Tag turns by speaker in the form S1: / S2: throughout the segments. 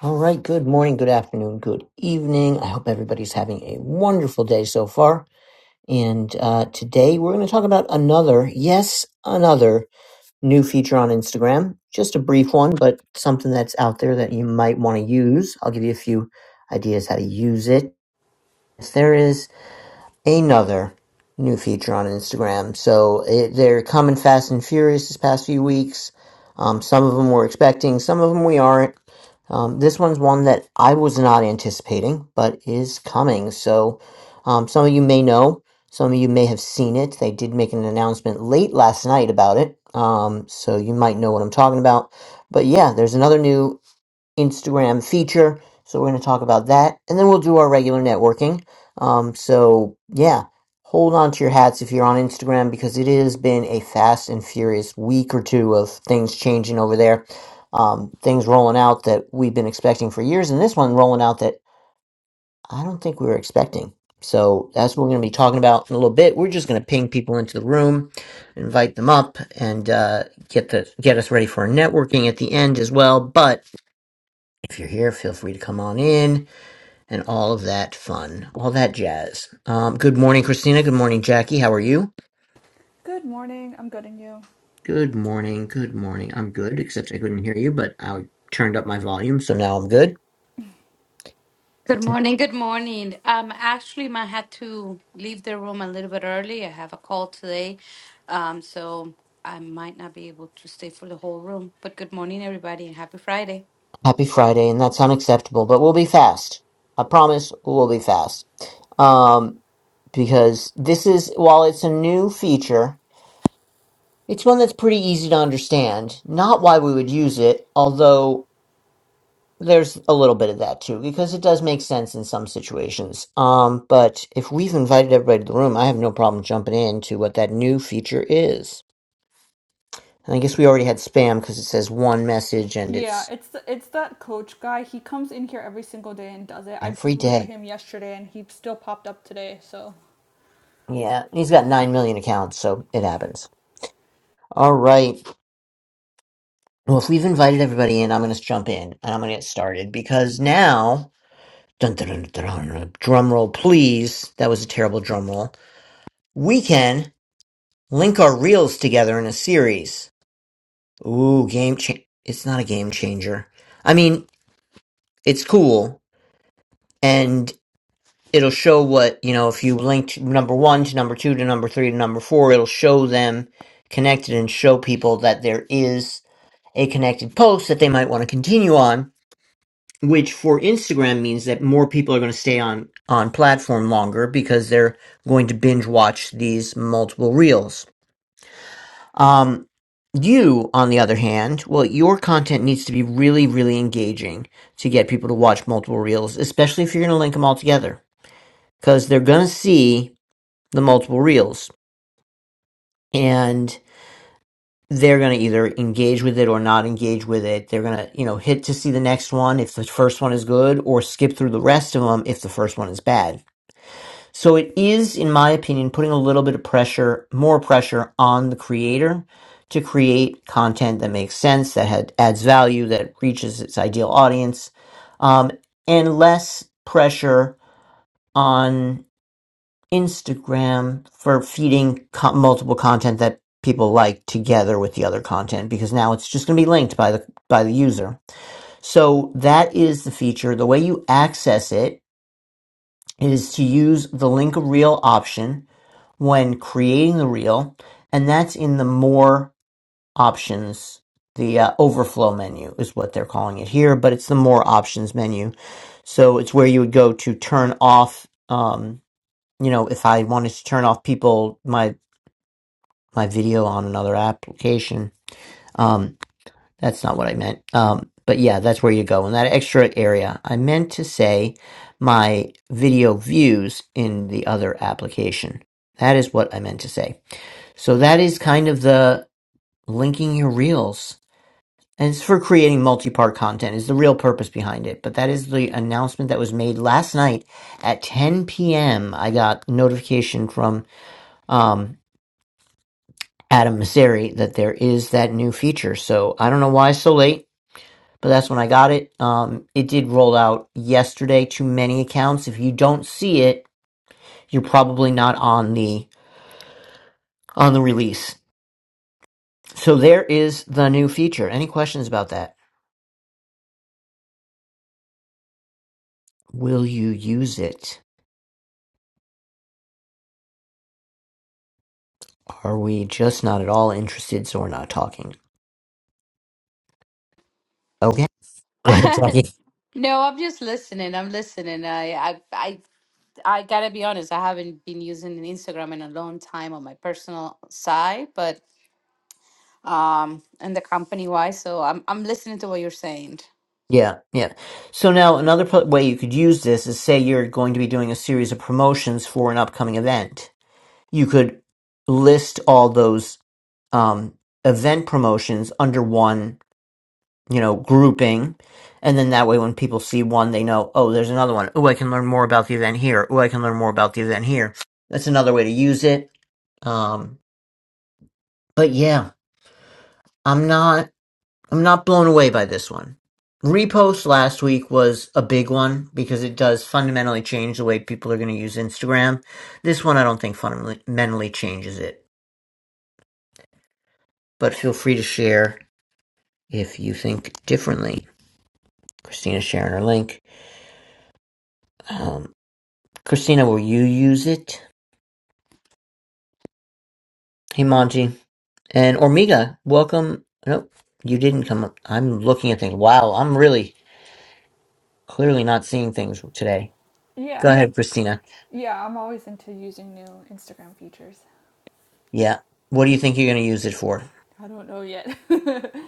S1: All right. Good morning, good afternoon, good evening. I hope everybody's having a wonderful day so far. And uh, today we're going to talk about another, yes, another new feature on Instagram. Just a brief one, but something that's out there that you might want to use. I'll give you a few ideas how to use it. there is. Another new feature on Instagram. So it, they're coming fast and furious this past few weeks. Um, some of them we're expecting, some of them we aren't. Um, this one's one that I was not anticipating, but is coming. So um, some of you may know, some of you may have seen it. They did make an announcement late last night about it. Um, so you might know what I'm talking about. But yeah, there's another new Instagram feature. So we're going to talk about that, and then we'll do our regular networking. Um, so yeah, hold on to your hats if you're on Instagram because it has been a fast and furious week or two of things changing over there, um, things rolling out that we've been expecting for years, and this one rolling out that I don't think we were expecting. So that's what we're going to be talking about in a little bit. We're just going to ping people into the room, invite them up, and uh, get the get us ready for our networking at the end as well. But if you're here, feel free to come on in and all of that fun, all that jazz. Um, good morning, Christina. Good morning, Jackie. How are you?
S2: Good morning. I'm good, and you?
S1: Good morning. Good morning. I'm good, except I couldn't hear you, but I turned up my volume, so now I'm good.
S3: Good morning. Good morning. Um, actually, I had to leave the room a little bit early. I have a call today, um, so I might not be able to stay for the whole room. But good morning, everybody, and happy Friday.
S1: Happy Friday, and that's unacceptable, but we'll be fast. I promise we'll be fast. Um, because this is, while it's a new feature, it's one that's pretty easy to understand. Not why we would use it, although There's a little bit of that too, because it does make sense in some situations. Um, but if we've invited everybody to the room, I have no problem jumping into what that new feature is. And I guess we already had spam because it says one message and
S2: Yeah,
S1: it's
S2: it's th- it's that coach guy. He comes in here every single day and does it. I
S1: every
S2: booted
S1: day.
S2: him yesterday and he still popped up today. So
S1: Yeah, he's got 9 million accounts, so it happens. All right. Well, if we've invited everybody in, I'm going to jump in and I'm going to get started because now, dun, dun, dun, dun, dun, drum roll, please. That was a terrible drum roll. We can link our reels together in a series. Ooh, game change. it's not a game changer. I mean, it's cool and it'll show what, you know, if you linked number 1 to number 2 to number 3 to number 4, it'll show them connected and show people that there is a connected post that they might want to continue on, which for Instagram means that more people are going to stay on on platform longer because they're going to binge watch these multiple reels. Um, you, on the other hand, well, your content needs to be really, really engaging to get people to watch multiple reels, especially if you're going to link them all together, because they're going to see the multiple reels and they're going to either engage with it or not engage with it. They're going to, you know, hit to see the next one if the first one is good or skip through the rest of them if the first one is bad So it is, in my opinion, putting a little bit of pressure, more pressure on the creator to create content that makes sense, that had, adds value, that reaches its ideal audience, um, and less pressure on Instagram for feeding co- multiple content that people like together with the other content because now it's just going to be linked by the by the user. So that is the feature. The way you access it is to use the link reel option when creating the reel, and that's in the more options. The uh, overflow menu is what they're calling it here, but it's the more options menu. So it's where you would go to turn off. Um, you know, if I wanted to turn off people my my video on another application, um, that's not what I meant. Um, but yeah, that's where you go in that extra area. I meant to say my video views in the other application. That is what I meant to say. So that is kind of the linking your reels. And it's for creating multi-part content is the real purpose behind it. But that is the announcement that was made last night at 10 p.m. I got notification from um, Adam Misery that there is that new feature. So I don't know why it's so late, but that's when I got it. Um, it did roll out yesterday to many accounts. If you don't see it, you're probably not on the on the release. So there is the new feature. Any questions about that? Will you use it? Are we just not at all interested, so we're not talking? Okay. Go ahead, Saki.
S3: no, I'm just listening. I'm listening. I, I, I, I gotta be honest. I haven't been using Instagram in a long time on my personal side, but um, and the company wise. So I'm, I'm listening to what you're saying.
S1: Yeah, yeah. So now another pl- way you could use this is say you're going to be doing a series of promotions for an upcoming event. You could list all those um, event promotions under one, you know, grouping, and then that way when people see one, they know, oh, there's another one. Oh, I can learn more about the event here. Oh, I can learn more about the event here. That's another way to use it. Um, but yeah. I'm not I'm not blown away by this one. Repost last week was a big one because it does fundamentally change the way people are going to use Instagram. This one I don't think fundamentally changes it, but feel free to share if you think differently. Christina's sharing her link. Um, Christina, will you use it? Hey Monty and Ormiga, welcome. Nope, you didn't come up. I'm looking at things. Wow, I'm really clearly not seeing things today.
S2: yeah,
S1: Go ahead, Christina.
S2: yeah, I'm always into using new Instagram features.
S1: Yeah. What do you think you're going to use it for?
S2: I don't know yet.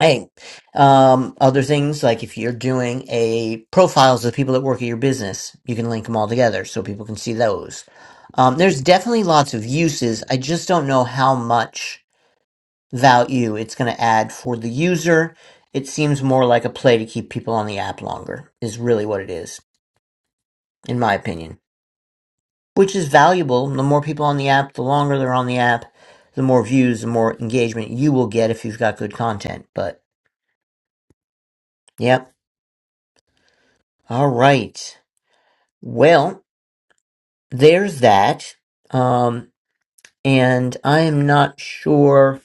S1: Hey, um, other things like if you're doing a profiles of the people that work at your business, you can link them all together so people can see those. Um, there's definitely lots of uses. I just don't know how much value it's going to add for the user. It seems more like a play to keep people on the app longer, is really what it is, in my opinion, which is valuable. The more people on the app, the longer they're on the app, the more views, the more engagement you will get if you've got good content. But Yep. All right. Well, there's that. Um, and I am not sure.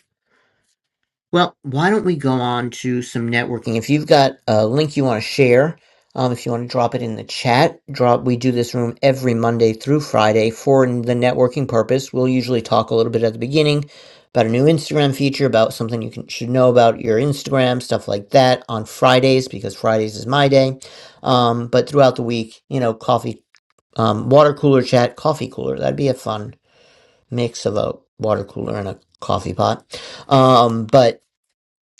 S1: Well, why don't we go on to some networking? If you've got a link you want to share, um, if you want to drop it in the chat, drop. We do this room every Monday through Friday for the networking purpose. We'll usually talk a little bit at the beginning about a new Instagram feature, about something you can, should know about your Instagram, stuff like that on Fridays because Fridays is my day. Um, but throughout the week, you know, coffee Um, water cooler chat, coffee cooler. That'd be a fun mix of a water cooler and a coffee pot. Um, but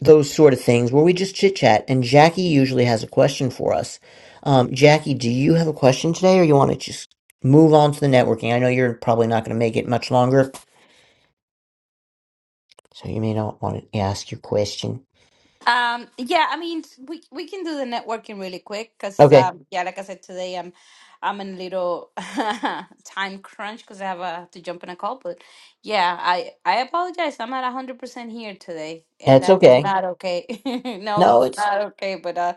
S1: those sort of things where we just chit chat. And Jackie usually has a question for us. Um, Jackie, do you have a question today, or you want to just move on to the networking? I know you're probably not going to make it much longer, so you may not want to ask your question.
S3: Um, yeah, I mean, we we can do the networking really quick because,
S1: Okay,
S3: um, yeah, like I said today, I'm I'm in a little time crunch because I have uh, to jump in a call. But yeah, I I apologize. I'm not hundred percent here today, and
S1: that's
S3: that is
S1: okay.
S3: not okay. no,
S1: No,
S3: it's
S1: it's
S3: not okay. But uh,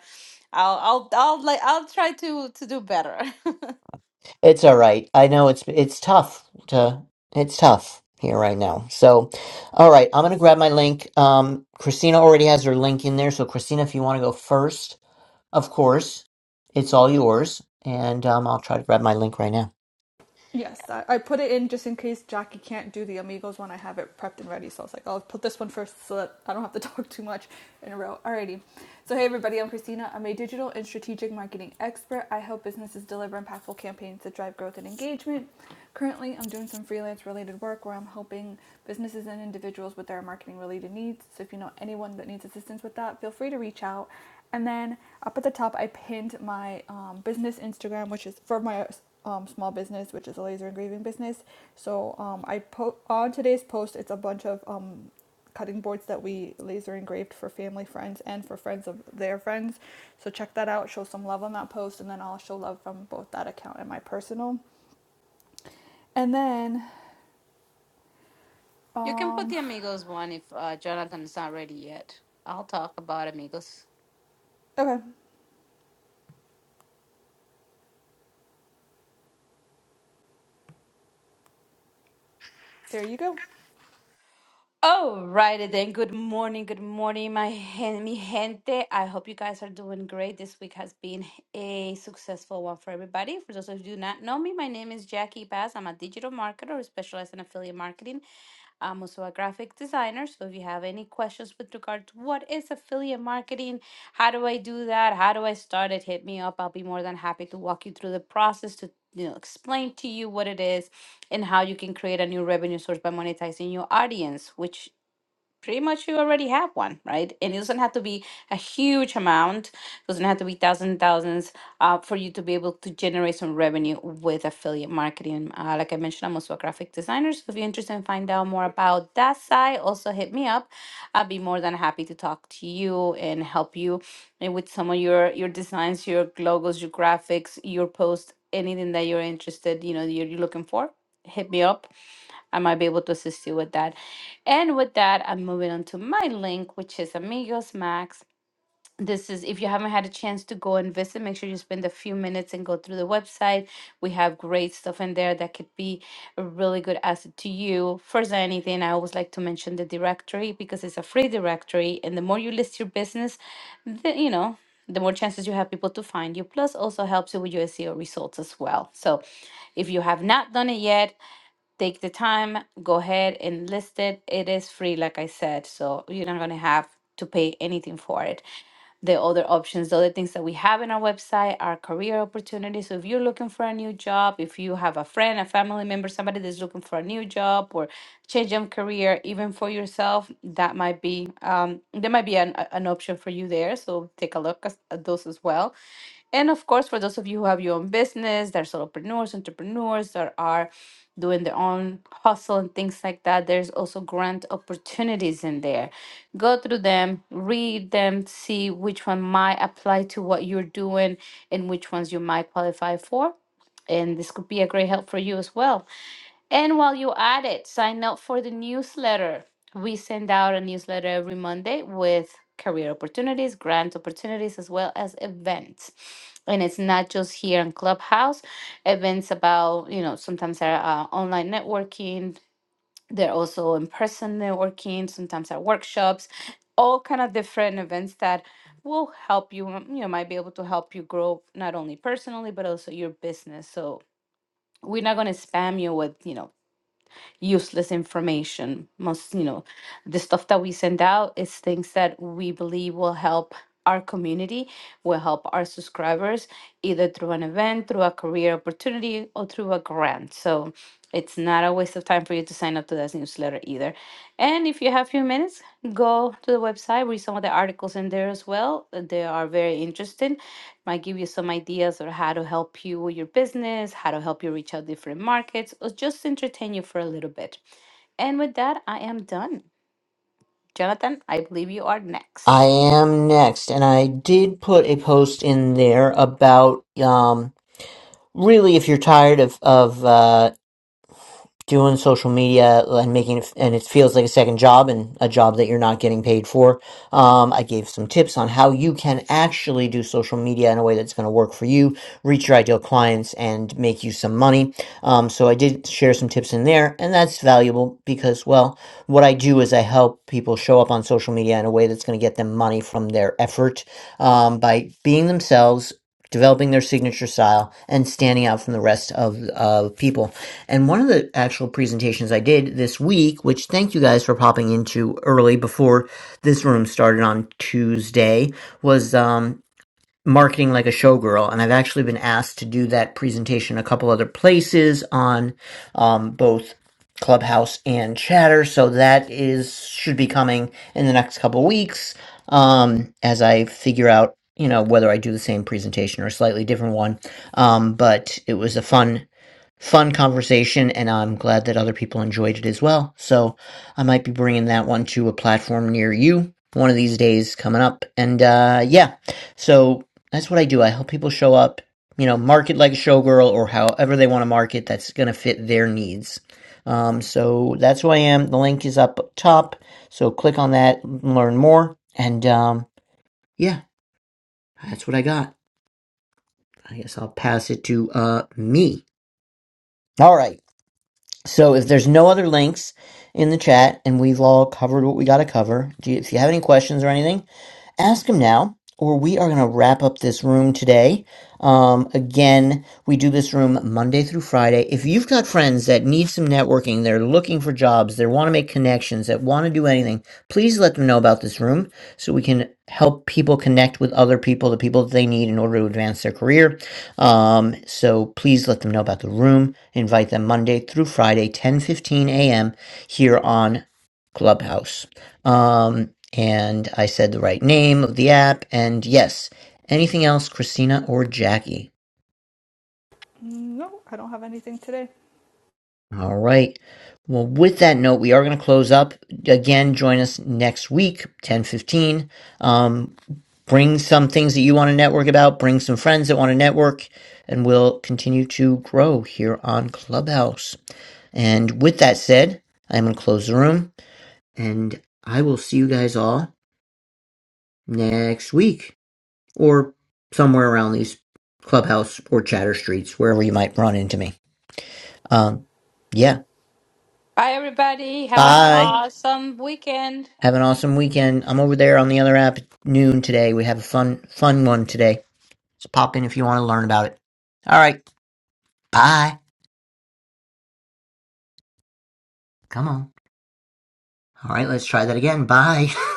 S3: I'll I'll I'll like I'll try to to do better.
S1: It's all right. I know it's it's tough to it's tough here right now. So, all right, I'm gonna grab my link. Um, Christina already has her link in there. So, Christina, if you want to go first, of course, it's all yours. And um, I'll try to grab my link right now.
S2: Yes, I, I put it in just in case Jackie can't do the Amigos one. I have it prepped and ready, so I was like, I'll put this one first so that I don't have to talk too much in a row. Alrighty. So, hey everybody, I'm Christina. I'm a digital and strategic marketing expert. I help businesses deliver impactful campaigns that drive growth and engagement. Currently, I'm doing some freelance related work where I'm helping businesses and individuals with their marketing related needs. So, if you know anyone that needs assistance with that, feel free to reach out. And then up at the top, I pinned my um, business Instagram, which is for my um, small business, which is a laser engraving business. So um, I po- on today's post, it's a bunch of um, cutting boards that we laser engraved for family friends and for friends of their friends. So check that out. Show some love on that post, and then I'll show love from both that account and my personal. And then,
S3: you can put
S2: um,
S3: the amigos one if uh, Jonathan's not ready yet. I'll talk about amigos.
S2: okay, there you go.
S3: Alrighty then. Good morning. Good morning, my gen- mi gente. I hope you guys are doing great. This week has been a successful one for everybody. For those of you who do not know me, my name is Jackie Bass. I'm a digital marketer who specializes in affiliate marketing. I'm also a graphic designer. So if you have any questions with regard to what is affiliate marketing, how do I do that, how do I start it, hit me up. I'll be more than happy to walk you through the process to you know explain to you what it is and how you can create a new revenue source by monetizing your audience, which pretty much you already have one, right? And it doesn't have to be a huge amount. It doesn't have to be thousands and thousands uh, for you to be able to generate some revenue with affiliate marketing. Uh, like I mentioned, I'm also a graphic designer. So if you're interested in find out more about that side, also hit me up. I'll be more than happy to talk to you and help you and with some of your your designs, your logos, your graphics, your posts, anything that you're interested, you know, you're, you're looking for. Hit me up I might be able to assist you with that. And with that, I'm moving on to my link, which is Amigos Max. This is if you haven't had a chance to go and visit, make sure you spend a few minutes and go through the website. We have great stuff in there that could be a really good asset to you. First than anything, I always like to mention the directory because it's a free directory, and the more you list your business, the, you know, the more chances you have people to find you. Plus, also helps you with your SEO results as well. So, if you have not done it yet, Take the time, go ahead and list it. It is free, like I said, so you're not going to have to pay anything for it the other options, the other things that we have in our website are career opportunities. So if you're looking for a new job, if you have a friend, a family member, somebody that's looking for a new job or change of career, even for yourself, that might be um, there might be an, a- an option for you there. So take a look as- at those as well. And of course, for those of you who have your own business, there's solopreneurs, entrepreneurs, there are doing their own hustle and things like that. There's also grant opportunities in there. Go through them, read them, see which one might apply to what you're doing and which ones you might qualify for. And this could be a great help for you as well. And while you're at it, sign up for the newsletter. We send out a newsletter every Monday with career opportunities, grant opportunities, as well as events. And it's not just here in Clubhouse events about you know sometimes are uh, online networking they're also in-person networking sometimes are workshops all kind of different events that will help you um, you know might be able to help you grow not only personally but also your business so we're not going to spam you with you know useless information. Most, you know, the stuff that we send out is things that we believe will help our community, will help our subscribers, either through an event, through a career opportunity, or through a grant. So it's not a waste of time for you to sign up to this newsletter either. And if you have a few minutes, go to the website, read some of the articles in there as well. Uh, They are very interesting. Might give you some ideas on how to help you with your business, how to help you reach out different markets, or just entertain you for a little bit. And with that, I am done. Jonathan, I believe you are
S1: I
S3: next.
S1: am next, and I did put a post in there about um, really if you're tired of of uh doing social media and making it, and it feels like a second job and a job that you're not getting paid for. Um, I gave some tips on how you can actually do social media in a way that's going to work for you, reach your ideal clients, and make you some money. Um, so I did share some tips in there, and that's valuable because, well, what I do is I help people show up on social media in a way that's going to get them money from their effort um, by being themselves developing their signature style and standing out from the rest of of people. And one of the actual presentations I did this week, which thank you guys for popping into early before this room started on Tuesday, was um marketing like a showgirl and i've actually been asked to do that presentation a couple other places on um, both clubhouse and chatter so that is should be coming in the next couple weeks um, as i figure out you know whether i do the same presentation or a slightly different one um, but it was a fun fun conversation, and I'm glad that other people enjoyed it as well. So I might be bringing that one to a platform near you one of these days coming up. And uh, yeah, so that's what I do. I help people show up, you know, market like a showgirl or however they want to market that's going to fit their needs. Um, so that's who I am. The link is up top. So click on that, learn more. And um, yeah, that's what I got. I guess I'll pass it to uh, me. All right. So if there's no other links in the chat and we've all covered what we got to cover, do you- if you have any questions or anything, ask him now, or we are going to wrap up this room today. Um, again, we do this room Monday through Friday. If you've got friends that need some networking, they're looking for jobs, they want to make connections, that want to do anything, please let them know about this room so we can help people connect with other people, the people that they need in order to advance their career. Um, so please let them know about the room. Invite them Monday through Friday, ten fifteen a.m. here on Clubhouse. Um, and I said the right name of the app. And yes, anything else, Christina or Jackie?
S2: No, I don't have anything today.
S1: All right. Well, with that note, we are going to close up. Again, join us next week, ten fifteen. Um, bring some things that you want to network about, bring some friends that want to network, and we'll continue to grow here on Clubhouse. And with that said, I'm going to close the room, and I will see you guys all next week. or somewhere around these clubhouse or chatter streets, wherever you might run into me. Um, yeah.
S3: Bye, everybody. Have an
S1: Bye.
S2: Bye.
S3: awesome weekend.
S1: Have an awesome weekend. I'm over there on the other app at noon today. We have a fun, fun one today. So pop in if you want to learn about it. All right. Bye. Come on. All right. Let's try that again. Bye.